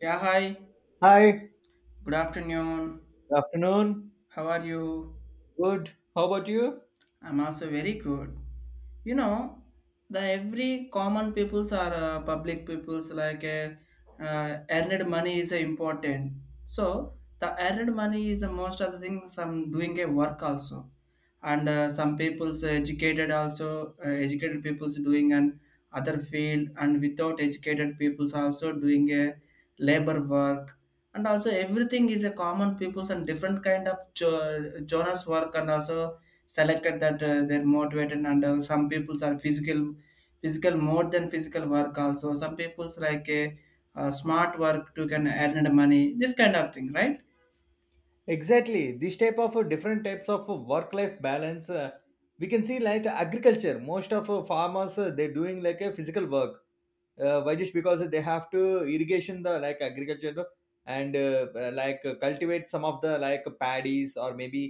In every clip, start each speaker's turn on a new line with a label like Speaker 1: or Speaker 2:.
Speaker 1: Yeah, hi.
Speaker 2: Hi, good
Speaker 1: Good afternoon.
Speaker 2: afternoon.
Speaker 1: How are you?
Speaker 2: Good. How about you?
Speaker 1: I'm also very good. You know, the every common peoples are public peoples like earned money is important. So the earned money is most of the things I'm doing a work also, and some people's educated also educated people's doing an other field and without educated people's also doing a labor work and also everything is a common people's and different kind of genres work and also selected that they're motivated and some people's are physical more than physical work also some people's like a smart work to can earn the money, this kind of thing, right?
Speaker 2: Exactly. This type of different types of work-life balance, we can see like agriculture. Most of farmers they're doing like a physical work. Why just because they have to irrigation the like agriculture no? And like cultivate some of the like paddies or maybe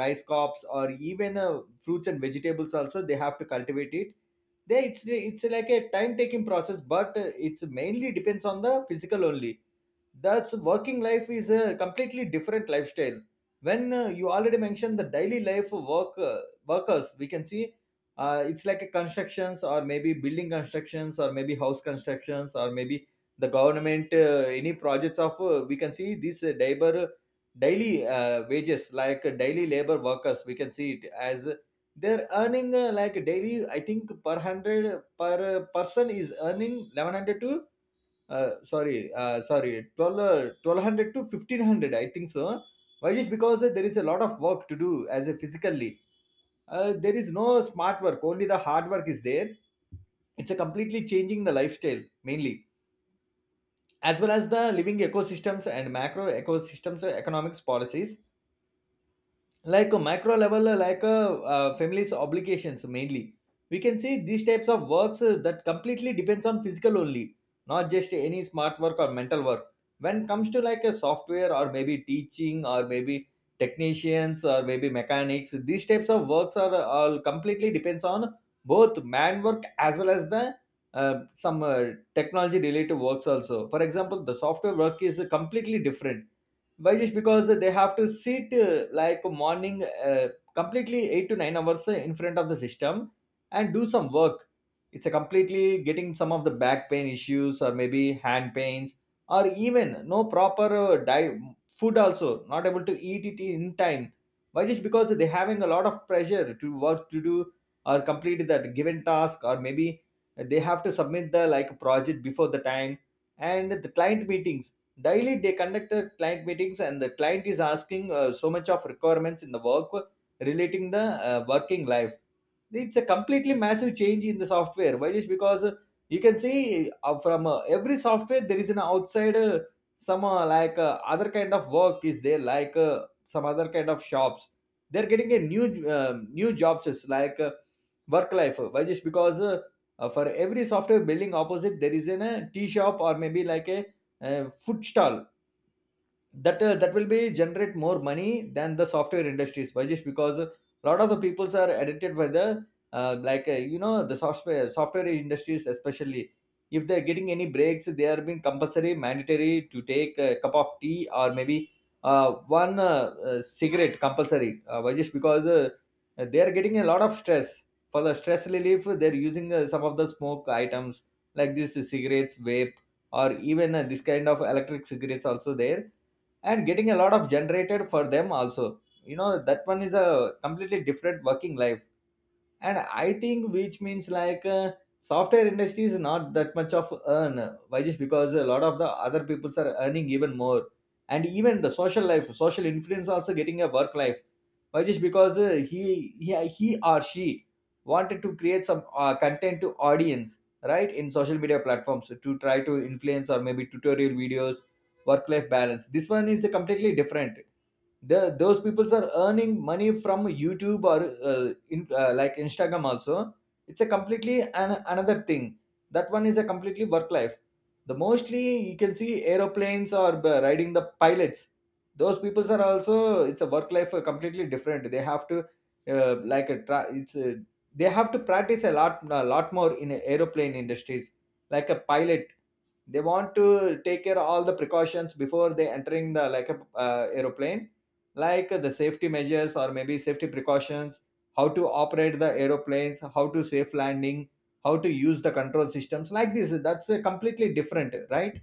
Speaker 2: rice crops or even fruits and vegetables also they have to cultivate it. They it's like a time taking process, but it's mainly depends on the physical only. That's working life is a completely different lifestyle. When you already mentioned the daily life of work workers, we can see it's like a constructions or maybe building constructions or maybe house constructions or maybe the government any projects of we can see these labor daily wages like daily labor workers. We can see it as they're earning like daily, I think per hundred per person is earning 1100 to sorry sorry 12, 1200 to 1500, I think so. Why just because there is a lot of work to do as a physically, there is no smart work, only the hard work is there. It's a completely changing the lifestyle mainly, as well as the living ecosystems and macro ecosystems or economics policies, like a macro level like a family's obligations mainly. We can see these types of works that completely depends on physical only, not just any smart work or mental work. When it comes to like a software or maybe teaching or maybe technicians or maybe mechanics, these types of works are all completely depends on both man work as well as the some technology related works also. For example, the software work is completely different. Why just because they have to sit like morning completely 8 to 9 hours in front of the system and do some work. It's a completely getting some of the back pain issues or maybe hand pains, or even no proper diet food, also not able to eat it in time. Why just because they having a lot of pressure to work to do, or complete that given task, or maybe they have to submit the like project before the time. And the client meetings, daily they conduct the client meetings, and the client is asking so much of requirements in the work relating the working life. It's a completely massive change in the software. Why just because you can see from every software there is an outside some like other kind of work is there, like some other kind of shops they're getting a new new jobs, is like work life. Why just because for every software building opposite there is an a tea shop or maybe like a, food stall, that that will be generate more money than the software industries. Why just because a lot of the peoples are addicted by the the software industries, especially if they're getting any breaks, they are being compulsory mandatory to take a cup of tea or maybe one cigarette compulsory. Why just because they are getting a lot of stress. For the stress relief they're using some of the smoke items like this, cigarettes, vape, or even this kind of electric cigarettes also there, and getting a lot of generated for them also, you know that one is a completely different working life. And I think, which means like software industry is not that much of earn. Why just because a lot of the other peoples are earning even more. And even the social life, social influence also getting a work life. Why just because he or she wanted to create some content to audience, right, in social media platforms to try to influence, or maybe tutorial videos. Work life balance, this one is completely different. Those people are earning money from YouTube or like Instagram also. It's a completely another thing. That one is a completely work life. The mostly you can see aeroplanes or riding the pilots. Those people are also, it's a work life completely different. They have to like a tra- it's a, they have to practice a lot more in aeroplane industries, like a pilot. They want to take care all the precautions before they entering the like a aeroplane, like the safety measures or maybe safety precautions, how to operate the aeroplanes, how to safe landing, how to use the control systems, like this. That's a completely different, right?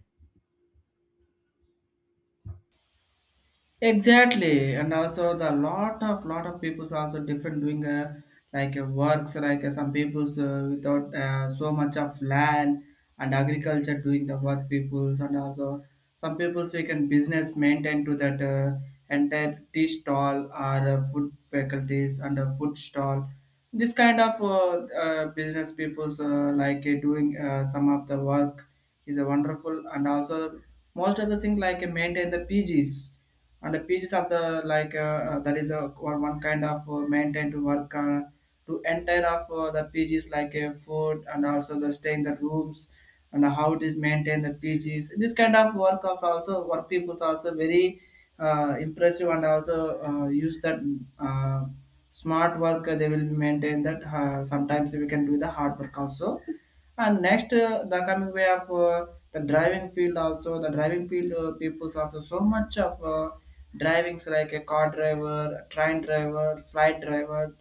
Speaker 1: Exactly, and also the lot of people's also different doing like works like some people's without so much of land and agriculture doing the work people's and also some people's we can business maintain to that entire tea stall or food faculties and a food stall. This kind of business people's like doing some of the work is a wonderful and also most of the thing like maintain the PGs and the pieces of the like that is a one kind of maintain to work to enter of the pieces like food and also the stay in the rooms and how it is maintain the pieces. This kind of work also work people's also very impressive and also use that uh, smart work they will maintain that sometimes we can do the hard work also. And next, the coming way of the driving field also, the driving field people's also so much of drivings like a car driver, a train driver, flight driver,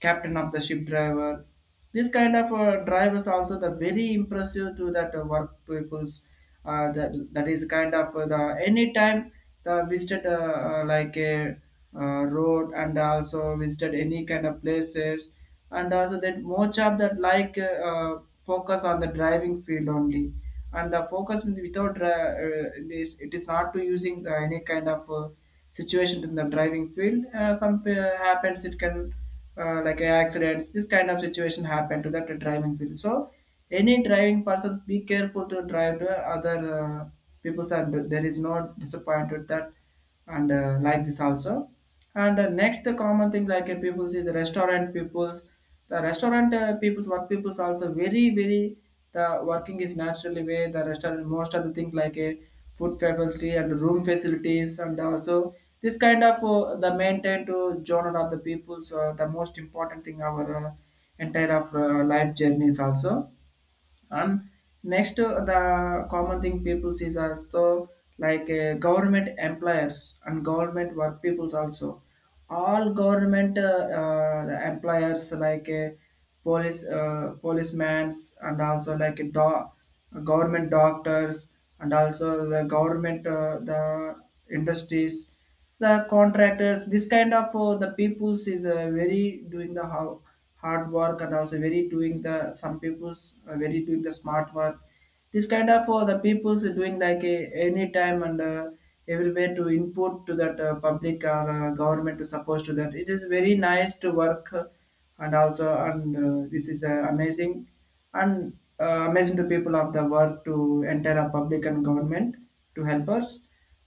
Speaker 1: captain of the ship driver. This kind of drivers also the very impressive to that work people's. That is kind of the anytime the visited like a road and also visited any kind of places and also that more job that like focus on the driving field only and the focus without it is not to using the, any kind of situation in the driving field some happens it can like accidents, this kind of situation happen to that driving field, so any driving persons be careful to drive the other people's and there is no disappointed that and like this also. And next the common thing like people see the restaurant peoples, the restaurant peoples work peoples also very very the working is naturally way, the restaurant most of the thing like a food facility and room facilities and also this kind of the maintain to genre of the peoples the most important thing our entire of life journeys also. And next the common thing people sees also like government employers and government work peoples also, all government the employers like police policemen and also like government doctors and also the government the industries, the contractors, this kind of the peoples is very doing the how hard work and also very doing the some peoples are very doing the smart work. This kind of the people's doing like a, any time and everywhere to input to that public or government to support to that. It is very nice to work and also and this is amazing and amazing to people of the work to enter a public and government to help us.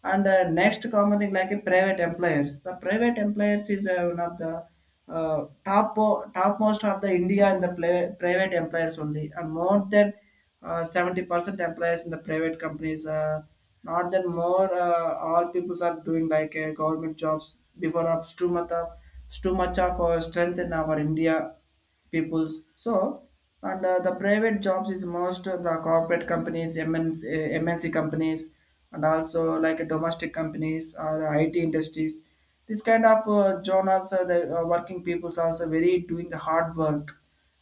Speaker 1: And next common thing like a private employers. The private employers is one of the topmost of the India in the private employers only, and more than 70% employees in the private companies not that more all peoples are doing like government jobs before, up too much of strength in our india peoples, so and the private jobs is most of the corporate companies MNC companies and also like domestic companies or it industries, this kind of journals the working peoples also very doing the hard work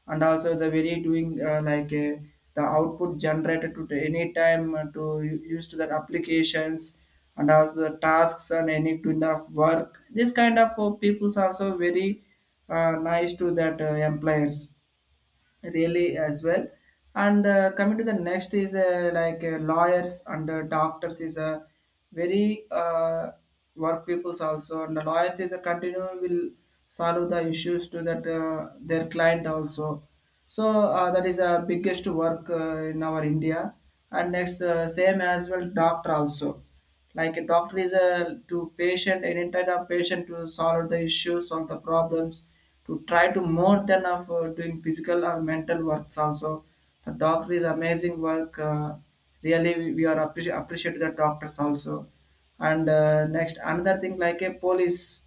Speaker 1: and also the very doing like the output generated to the any time to use to that applications and also the tasks and any kind of work, this kind of people's also very nice to that employers, really as well. And coming to the next is like lawyers and doctors is a very work peoples also, and the lawyers is a continue will solve the issues to that their client also, so that is a biggest work in our india. And next same as well doctor also, like a doctor is a to patient an entire patient to solve the issues solve the problems to try to more than of doing physical or mental works also. The doctor is amazing work, really we are appreciate the doctors also. And next another thing like a police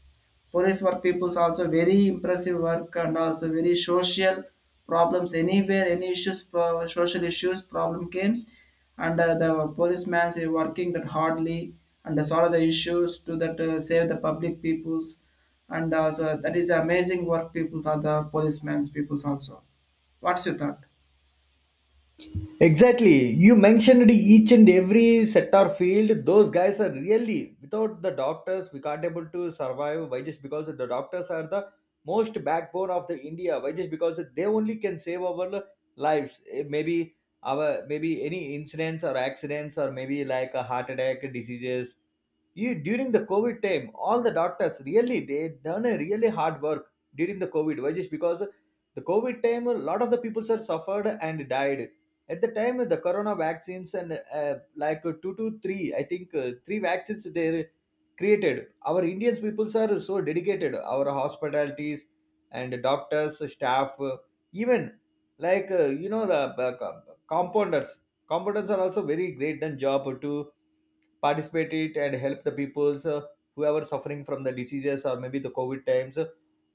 Speaker 1: police work people's also very impressive work and also very social problems anywhere, any issues social issues problem games, and the policeman is working that hardly and solve the issues to that save the public peoples and also that is amazing work peoples are the policemen's peoples also. What's your thought?
Speaker 2: Exactly. You mentioned each and every sector field. Those guys are really, without the doctors, we can't able to survive. Why just because the doctors are the most backbone of the India? Why just because they only can save our lives? Maybe our, maybe any incidents or accidents or maybe like a heart attack diseases. You during the COVID time, all the doctors really they done a really hard work during the COVID. Why just because the COVID time a lot of the people are suffered and died. At the time, the corona vaccines and uh, like two to three, I think three vaccines they created. Our indians peoples are so dedicated, our hospitalities and doctors staff, even like you know the uh, co- compounders compounders are also very great done job to participate it and help the peoples who are suffering from the diseases or maybe the COVID times.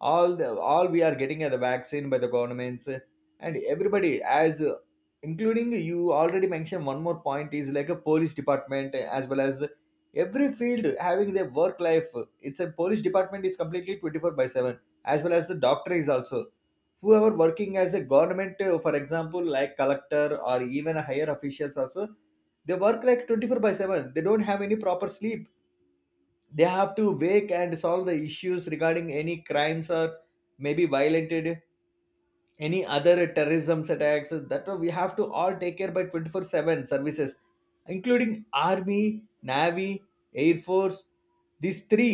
Speaker 2: All we are getting are the vaccine by the governments, and everybody as including. You already mentioned one more point is like a police department, as well as the, every field having their work life. It's a police department is completely 24 by 7, as well as the doctor is also. Whoever working as a government, for example like collector or even higher officials also, they work like 24 by 7, they don't have any proper sleep. They have to wake and solve the issues regarding any crimes or maybe violated any other terrorism attacks, that we have to all take care by 24/7 services, including army, navy, air force. These three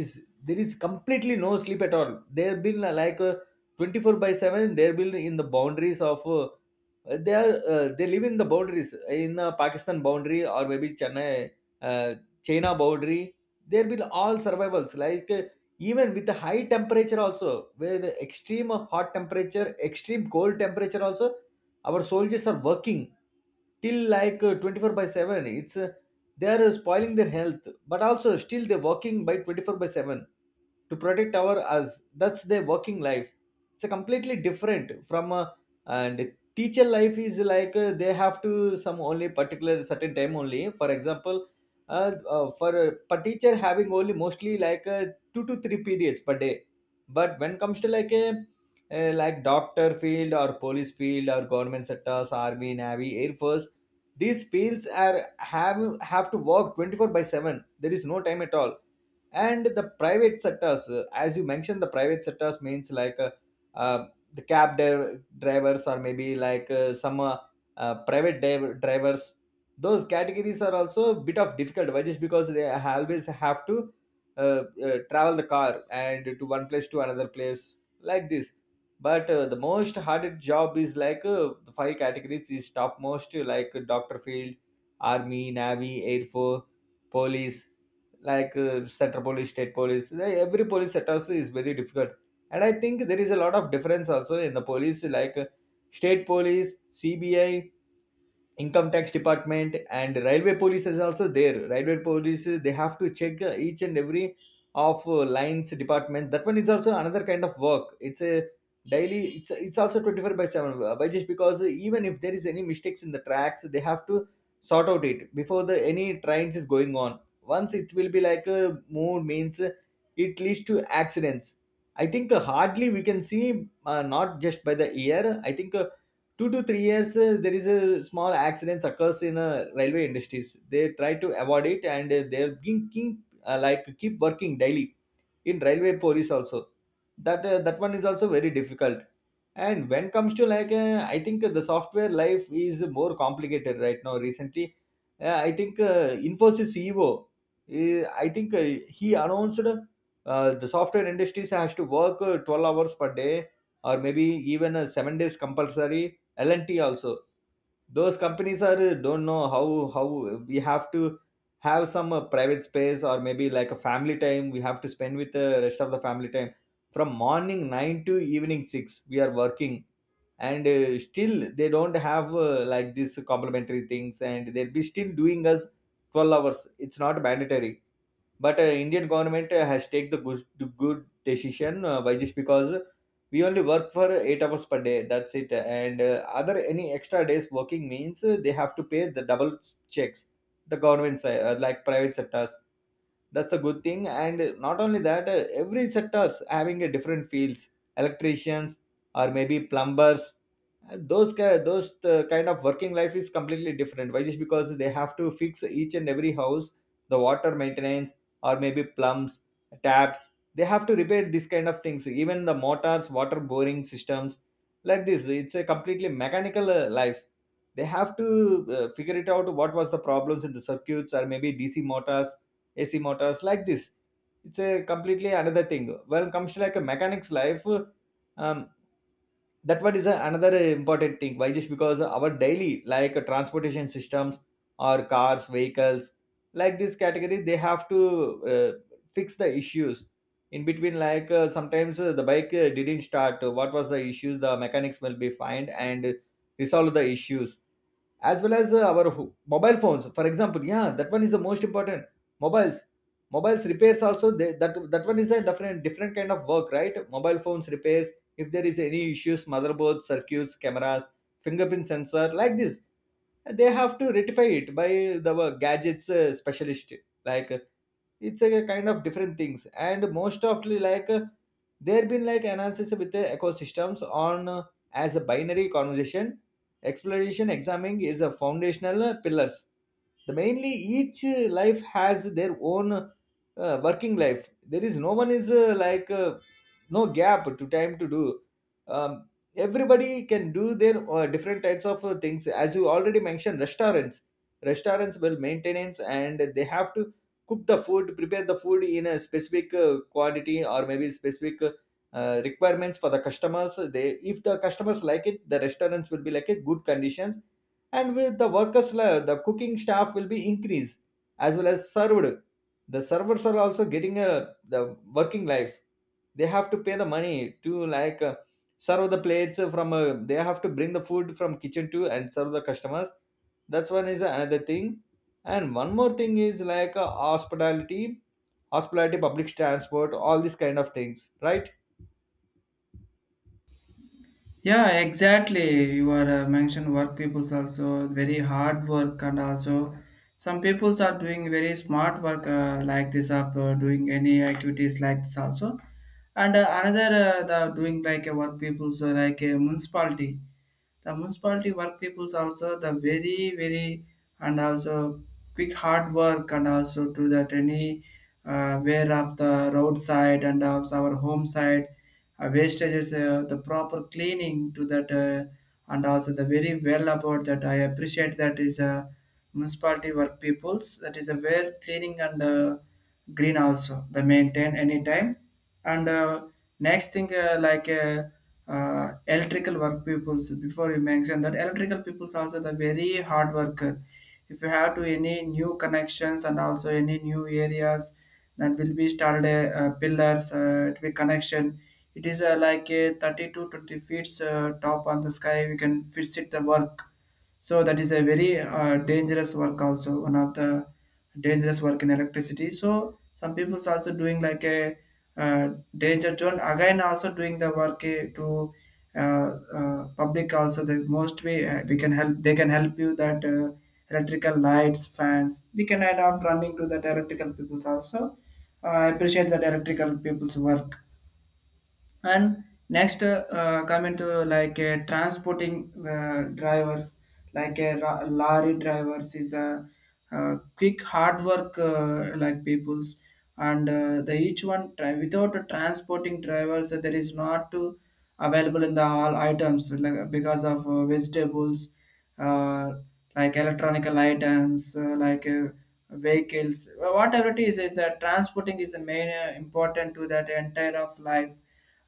Speaker 2: is, there is completely no sleep at all. They've been 24 by 7, they've been in the boundaries of they are, they live in the boundaries, in the Pakistan boundary or maybe Chennai, uh, China boundary. There will all survivals like even with the high temperature also, where the extreme of hot temperature, extreme cold temperature also, our soldiers are working till like 24 by 7. It's they are spoiling their health, but also still they're working by 24 by 7, to protect our us. That's their working life. It's a completely different from a, and teacher life is like they have to some only particular certain time only. For example, uh, for a per teacher having only mostly like two to three periods per day. But when comes to like a like doctor field or police field or government sectors, army, navy, air force, these fields are have to work 24 by 7, there is no time at all. And the private sectors, as you mentioned the private sectors means like uh, the cab drivers or maybe like some private drivers, those categories are also a bit of difficult. Why just because they always have to travel the car and to one place to another place, like this. But the most hardest job is like the five categories is topmost, like doctor field, army, navy, air force, police, like central police, state police. Eh, every police set also is very difficult. And I think there is a lot of difference also in the police, like state police, CBI, income tax department, and railway police is also there. Railway police, they have to check each and every of lines department, that one is also another kind of work. It's a daily, it's also 24 by 7, by just because even if there is any mistakes in the tracks, they have to sort out it before the any trains is going on. Once it will be like a move means it leads to accidents. I think hardly we can see not just by the year, I think 2 to 3 years there is a small accidents occurs in railway industries. They try to avoid it, and they're being keep like keep working Daily in railway police also, that that one is also very difficult. And when comes to like, I think the software life is more complicated right now recently. I think, Infosys CEO, I think he announced, the software industries has to work 12 hours per day, or maybe even 7 days compulsory. L&T also. Those companies are, don't know how. how we have to have some private space, or maybe like a family time, we have to spend with the rest of the family time. From morning 9 to evening 6 we are working, and still they don't have, like these complimentary things, and they'll be still doing us 12 hours. It's not mandatory, but Indian government has take the good decision. Why? Just because we only work for 8 hours per day, that's it. And other any extra days working means they have to pay the double checks, the government side, like private sectors. That's the good thing. And not only that, every sectors having a different fields: electricians, or maybe plumbers. And those kind of working life is completely different. Why? Just because they have to fix each and every house: the water maintenance, or maybe plums, taps, they have to repair these kind of things, even the motors, water boring systems, like this. It's a completely mechanical life. They have to figure it out what was the problems in the circuits, or maybe DC motors, AC motors, like this. It's a completely another thing when it comes to like a mechanic's life. Um, that, another important thing. Why? Just because our daily like transportation systems, or cars, vehicles, like this category, they have to fix the issues in between. Like sometimes the bike didn't start. What was the issue? The mechanics will be fined, and resolve the issues. As well as mobile phones, for example. Yeah, that one is the most important. Mobiles mobiles repairs also, they, that that one is a different kind of work, right? Mobile phones repairs, if there is any issues — motherboard, circuits, cameras, fingerprint sensor, like this, they have to rectify it by the gadgets specialist. like uh, it's a kind of different things. And most often, like there been like analysis with the ecosystems on, as a binary conversation, exploration, examining is a foundational pillars. The mainly each life has their own working life. There is no one is no gap to time to do. um, Everybody can do their different types of things. As you already mentioned, restaurants. Will maintenance, and they have to cook the food, prepare the food in a specific quantity, or maybe specific requirements for the customers. They, if the customers like it, the restaurants will be like a good conditions, and with the workers, the cooking staff will be increased, as well as served. The servers are also getting a the working life. They have to pay the money to, like serve the plates from, they have to bring the food from kitchen to and serve the customers. That's one is another thing. And one more thing is like hospitality. Public transport, all these kind of things, right?
Speaker 1: Yeah, exactly. You are mentioned work people's also very hard work and also some peoples are doing very smart work like this of doing any activities like this also. And another the doing like a work people's like a municipality. The municipality work peoples also the very very and also quick hard work and also to that any wear of the roadside and also our home side wastages, the proper cleaning to that, and also the very well about that I appreciate that is a municipality work peoples, that is a where cleaning and green also they maintain anytime. And next thing like electrical work peoples, before you mentioned that electrical peoples also the very hard worker. If you have to any new connections and also any new areas that will be started, pillars, it will be connection, it is like a 30 to 20 feet top on the sky we can fix it the work, so that is a very dangerous work also, one of the dangerous work in electricity. So some people's also doing like a uh, danger zone again also doing the work to public also the most way we can help, they can help you that electrical lights fans they can add up running to that electrical people's also. I appreciate that electrical people's work. And next come into like transporting drivers like a lorry drivers is a, quick hard work like peoples, and the each one without a transporting drivers there is not to available in the all items like, because of vegetables, uh, like electronical items like vehicles, whatever it is that transporting is a main important to that entire of life.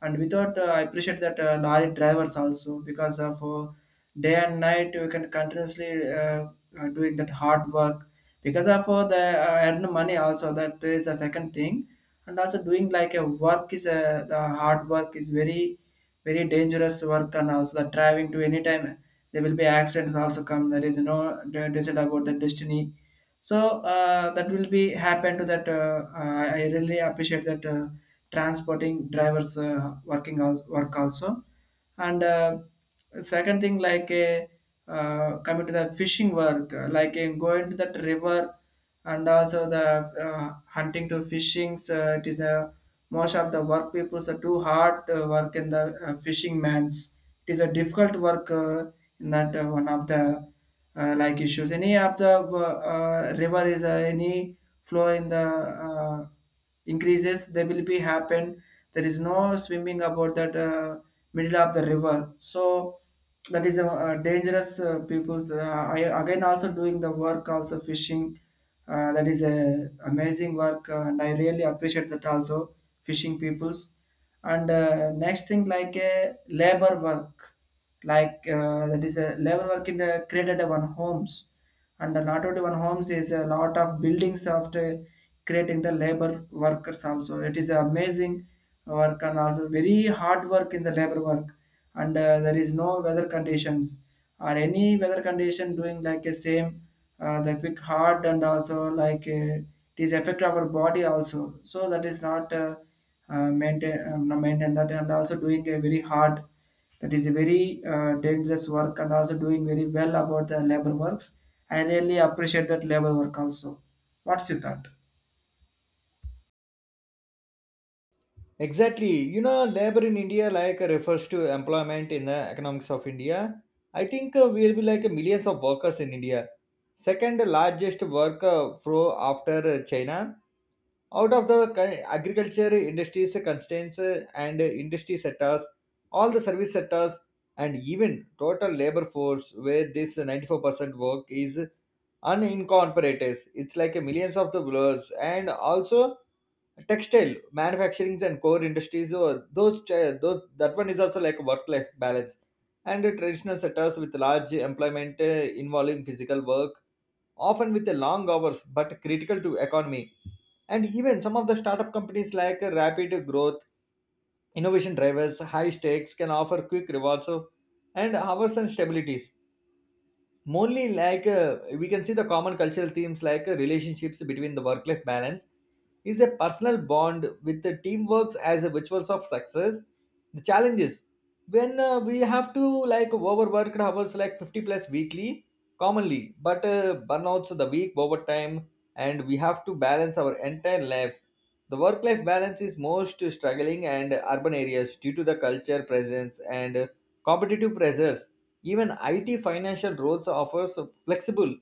Speaker 1: And without I appreciate that lorry drivers also, because of day and night you can continuously doing that hard work, because of the earn money also that is the second thing. And also doing like a work is a, the hard work is very dangerous work and also the driving to any time there will be accidents also come, there is no decide about the destiny, so that will be happen to that, I really appreciate that transporting drivers work also. And second thing like a coming to the fishing work like going to that river and also the hunting to fishings, it is a most of the work people are too hard work in the fishing mans, it is a difficult work in that one of the like issues, any of the river is any flow in the uh, increases they will be happen, there is no swimming about that middle of the river, so that is a, dangerous people's, I again also doing the work also fishing, that is a amazing work and I really appreciate that also fishing peoples. And next thing like a labor work, like that is a labor work in created one homes and a lot of one homes is a lot of buildings, after creating the labor workers also it is amazing work and also very hard work in the labor work. And there is no weather conditions or any weather condition doing like a same the quick hard and also like it is affect our body also, so that is not maintain, no, maintain that and also doing a very hard, that is a very dangerous work and also doing very well about the labor works. I really appreciate that labor work also. What's your thought?
Speaker 2: Exactly, you know, labor in India, like, refers to employment in the economics of India. I think we'll be like millions of workers in India, second largest worker flow after China. Out of the agriculture industries constraints, and industry sectors, all the service sectors. And even total labor force, where this 94% work is unincorporated. It's like a millions of the blurs, and also textile manufacturings, and core industries, or those that one is also like work life balance. And the traditional sectors with large employment, involving physical work, often with a long hours, but critical to economy. And even some of the startup companies, like rapid growth, innovation drivers, high stakes, can offer quick rewards and hours and stabilities. Mostly, like we can see the common cultural themes, like relationships between the work-life balance, is a personal bond with the teamworks, as a rituals of success. The challenges, when we have to like overworked hours like 50 plus weekly commonly, but burnouts the week overtime, and we have to balance our entire life. The work-life balance is most struggling and urban areas due to the culture presence and competitive pressures. Even IT financial roles offers a flexible,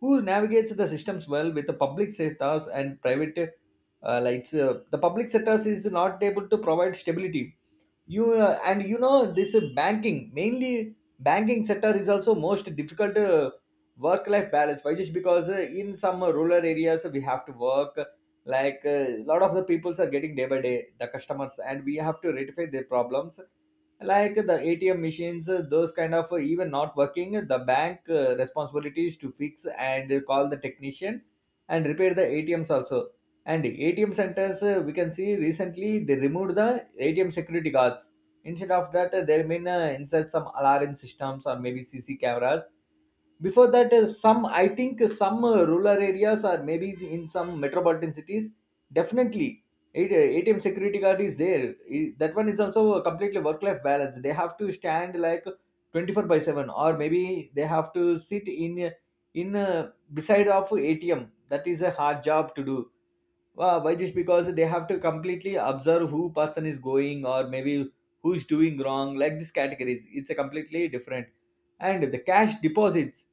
Speaker 2: who navigates the systems well with the public sectors and private. The public sectors is not able to provide stability. You And you know, this banking mainly banking sector is also most difficult work life balance. Why? Just because in some rural areas we have to work, like a lot of the peoples are getting day by day, the customers, and we have to rectify their problems. Like the ATM machines, those kind of, even not working, the bank responsibility is to fix and call the technician and repair the ATMs also. And ATM centers, we can see recently they removed the ATM security guards. Instead of that, they mean insert some alarm systems, or maybe CC cameras. Before that, some I think some rural areas, or maybe in some metropolitan cities, definitely ATM security guard is there. That one is also a completely work-life balance. They have to stand like 24 by 7, or maybe they have to sit in in uh, beside of ATM. That is a hard job to do. Wow, why? Just because they have to completely observe who person is going, or maybe who's doing wrong, like these categories. It's a completely different. And the cash deposits,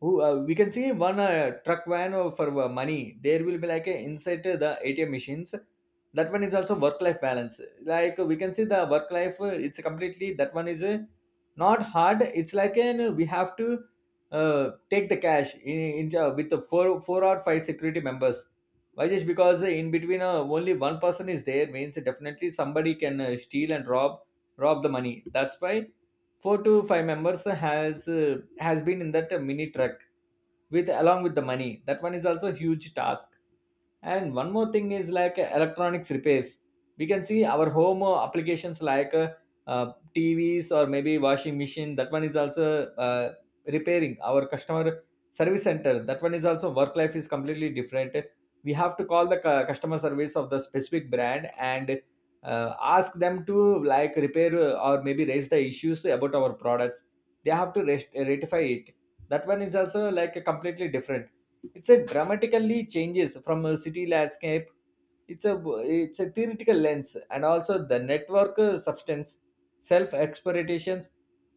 Speaker 2: who we can see one truck van for money. There will be like a inside the ATM machines. That one is also work life balance. Like we can see the work life. It's completely, that one is not hard. It's like an we have to take the cash in with the four or five security members. Why? Just because in between, only one person is there means definitely somebody can steal and rob the money. That's why four to five members has been in that mini truck, with along with the money. That one is also a huge task. And one more thing is like electronics repairs. We can see our home applications like TVs or maybe washing machine. That one is also repairing our customer service center. That one is also work life is completely different. We have to call the customer service of the specific brand and ask them to like repair or maybe raise the issues about our products. They have to rest, rectify it. That one is also like completely different. It's a dramatically changes from a city landscape. it's a it's a theoretical lens, and also the network substance, self expectations,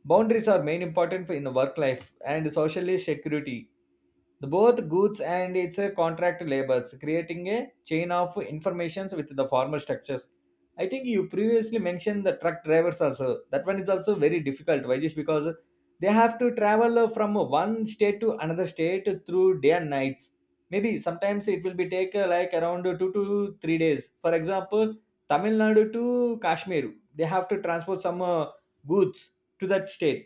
Speaker 2: boundaries are main important in work life and social security. The both goods and its contract labors, creating a chain of informations with the formal structures. I think you previously mentioned the truck drivers also. That one is also very difficult. Why? Just because they have to travel from one state to another state through day and nights. Maybe sometimes it will be take like around 2 to 3 days. For example, Tamil Nadu to Kashmir, they have to transport some goods to that state.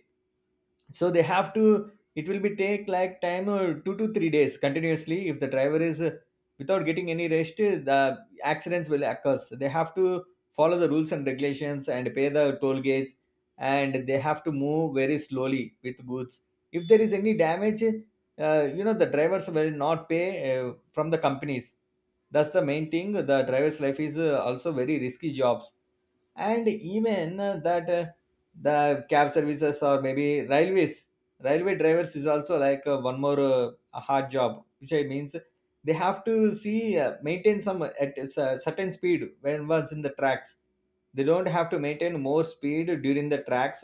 Speaker 2: So they have to, it will be take like time 2 to 3 days continuously. If the driver is without getting any rest, the accidents will occur. So they have to follow the rules and regulations, and pay the toll gates, and they have to move very slowly with goods. If there is any damage, you know, the drivers will not pay from the companies. That's the main thing. The driver's life is also very risky jobs. And even that the cab services, or maybe railways. Railway drivers is also like one more a hard job, which I means they have to see maintain some at a certain speed when was in the tracks. They don't have to maintain more speed during the tracks.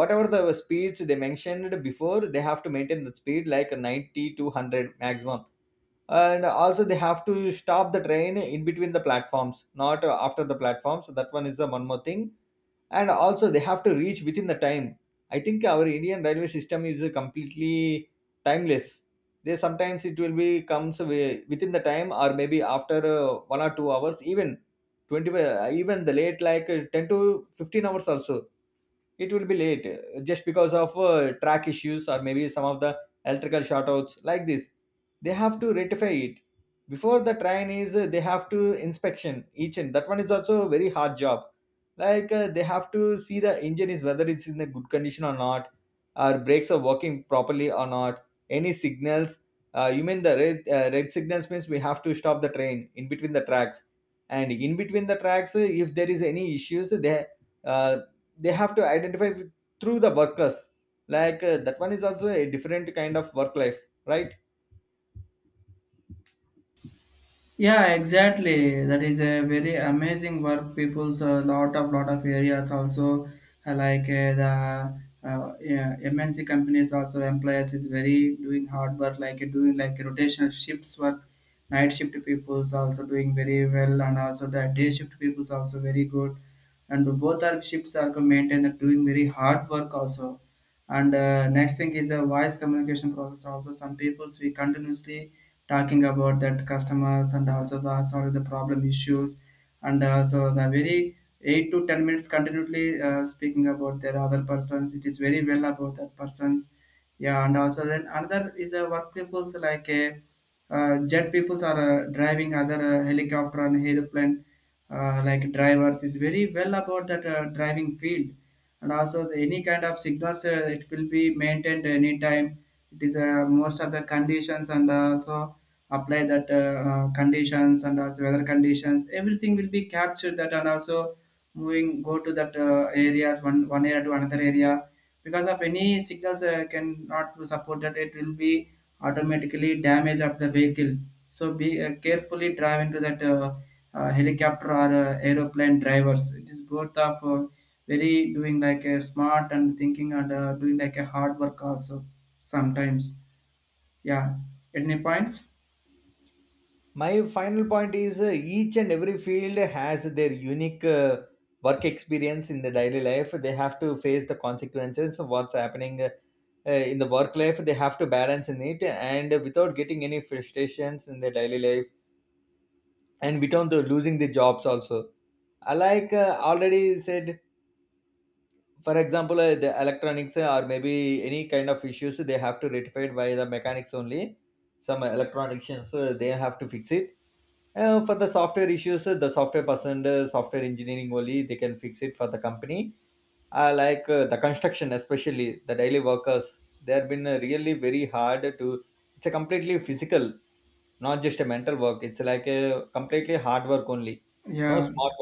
Speaker 2: Whatever the speeds they mentioned before, they have to maintain the speed like 90 to 100 maximum. And also they have to stop the train in between the platforms, not after the platforms. That one is the one more thing. And also they have to reach within the time. I think our Indian railway system is completely timeless. They sometimes it will be comes within the time, or maybe after 1 or 2 hours, twenty, even the late like 10 to 15 hours also. It will be late just because of track issues, or maybe some of the electrical shortouts like this. They have to rectify it before the train is they have to inspection each. And that one is also a very hard job. Like they have to see the engine is whether it's in a good condition or not, or brakes are working properly or not, any signals. You mean the red signals means we have to stop the train in between the tracks. And in between the tracks, if there is any issues, uh, they have to identify through the workers. Like that one is also a different kind of work life, right?
Speaker 1: Yeah, exactly. That is a very amazing work. People's a lot of areas also like the yeah, MNC companies also employers is very doing hard work like doing like rotational shifts work. Night shift people's also doing very well, and also the day shift people's also very good. And both our shifts are maintained and doing very hard work also. And next thing is a voice communication process also, some peoples we continuously talking about that customers and also the solve the problem issues and also the very 8 to 10 minutes continually speaking about their other persons, it is very well about that persons. Yeah, and also then another is a work peoples like a jet peoples are driving other helicopter and airplane, like drivers is very well about that driving field, and also the, any kind of signals it will be maintained anytime, it is most of the conditions and also apply that conditions and also weather conditions, everything will be captured that and also moving go to that areas one area to another area, because of any signals cannot support that it will be automatically damage of the vehicle, so be carefully drive into that helicopter or aeroplane drivers, it is both of very doing like a smart and thinking and doing like a hard work also sometimes. Yeah. Any points?
Speaker 2: My final point is, each and every field has their unique work experience in the daily life. They have to face the consequences of what's happening in the work life. They have to balance in it, and without getting any frustrations in their daily life, and without the losing the jobs also. I, like already said, for example the electronics or maybe any kind of issues, they have to rectify it by the mechanics only. Some electronicians they have to fix it. For the software issues, the software person, software engineering only, they can fix it for the company. The construction, especially the daily workers, they have been really very hard to. It's a completely physical, not just a mental work. It's like a completely hard work only. No
Speaker 1: Yeah,
Speaker 2: smart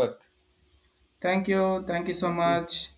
Speaker 1: thank you, thank you so
Speaker 2: work.
Speaker 1: much.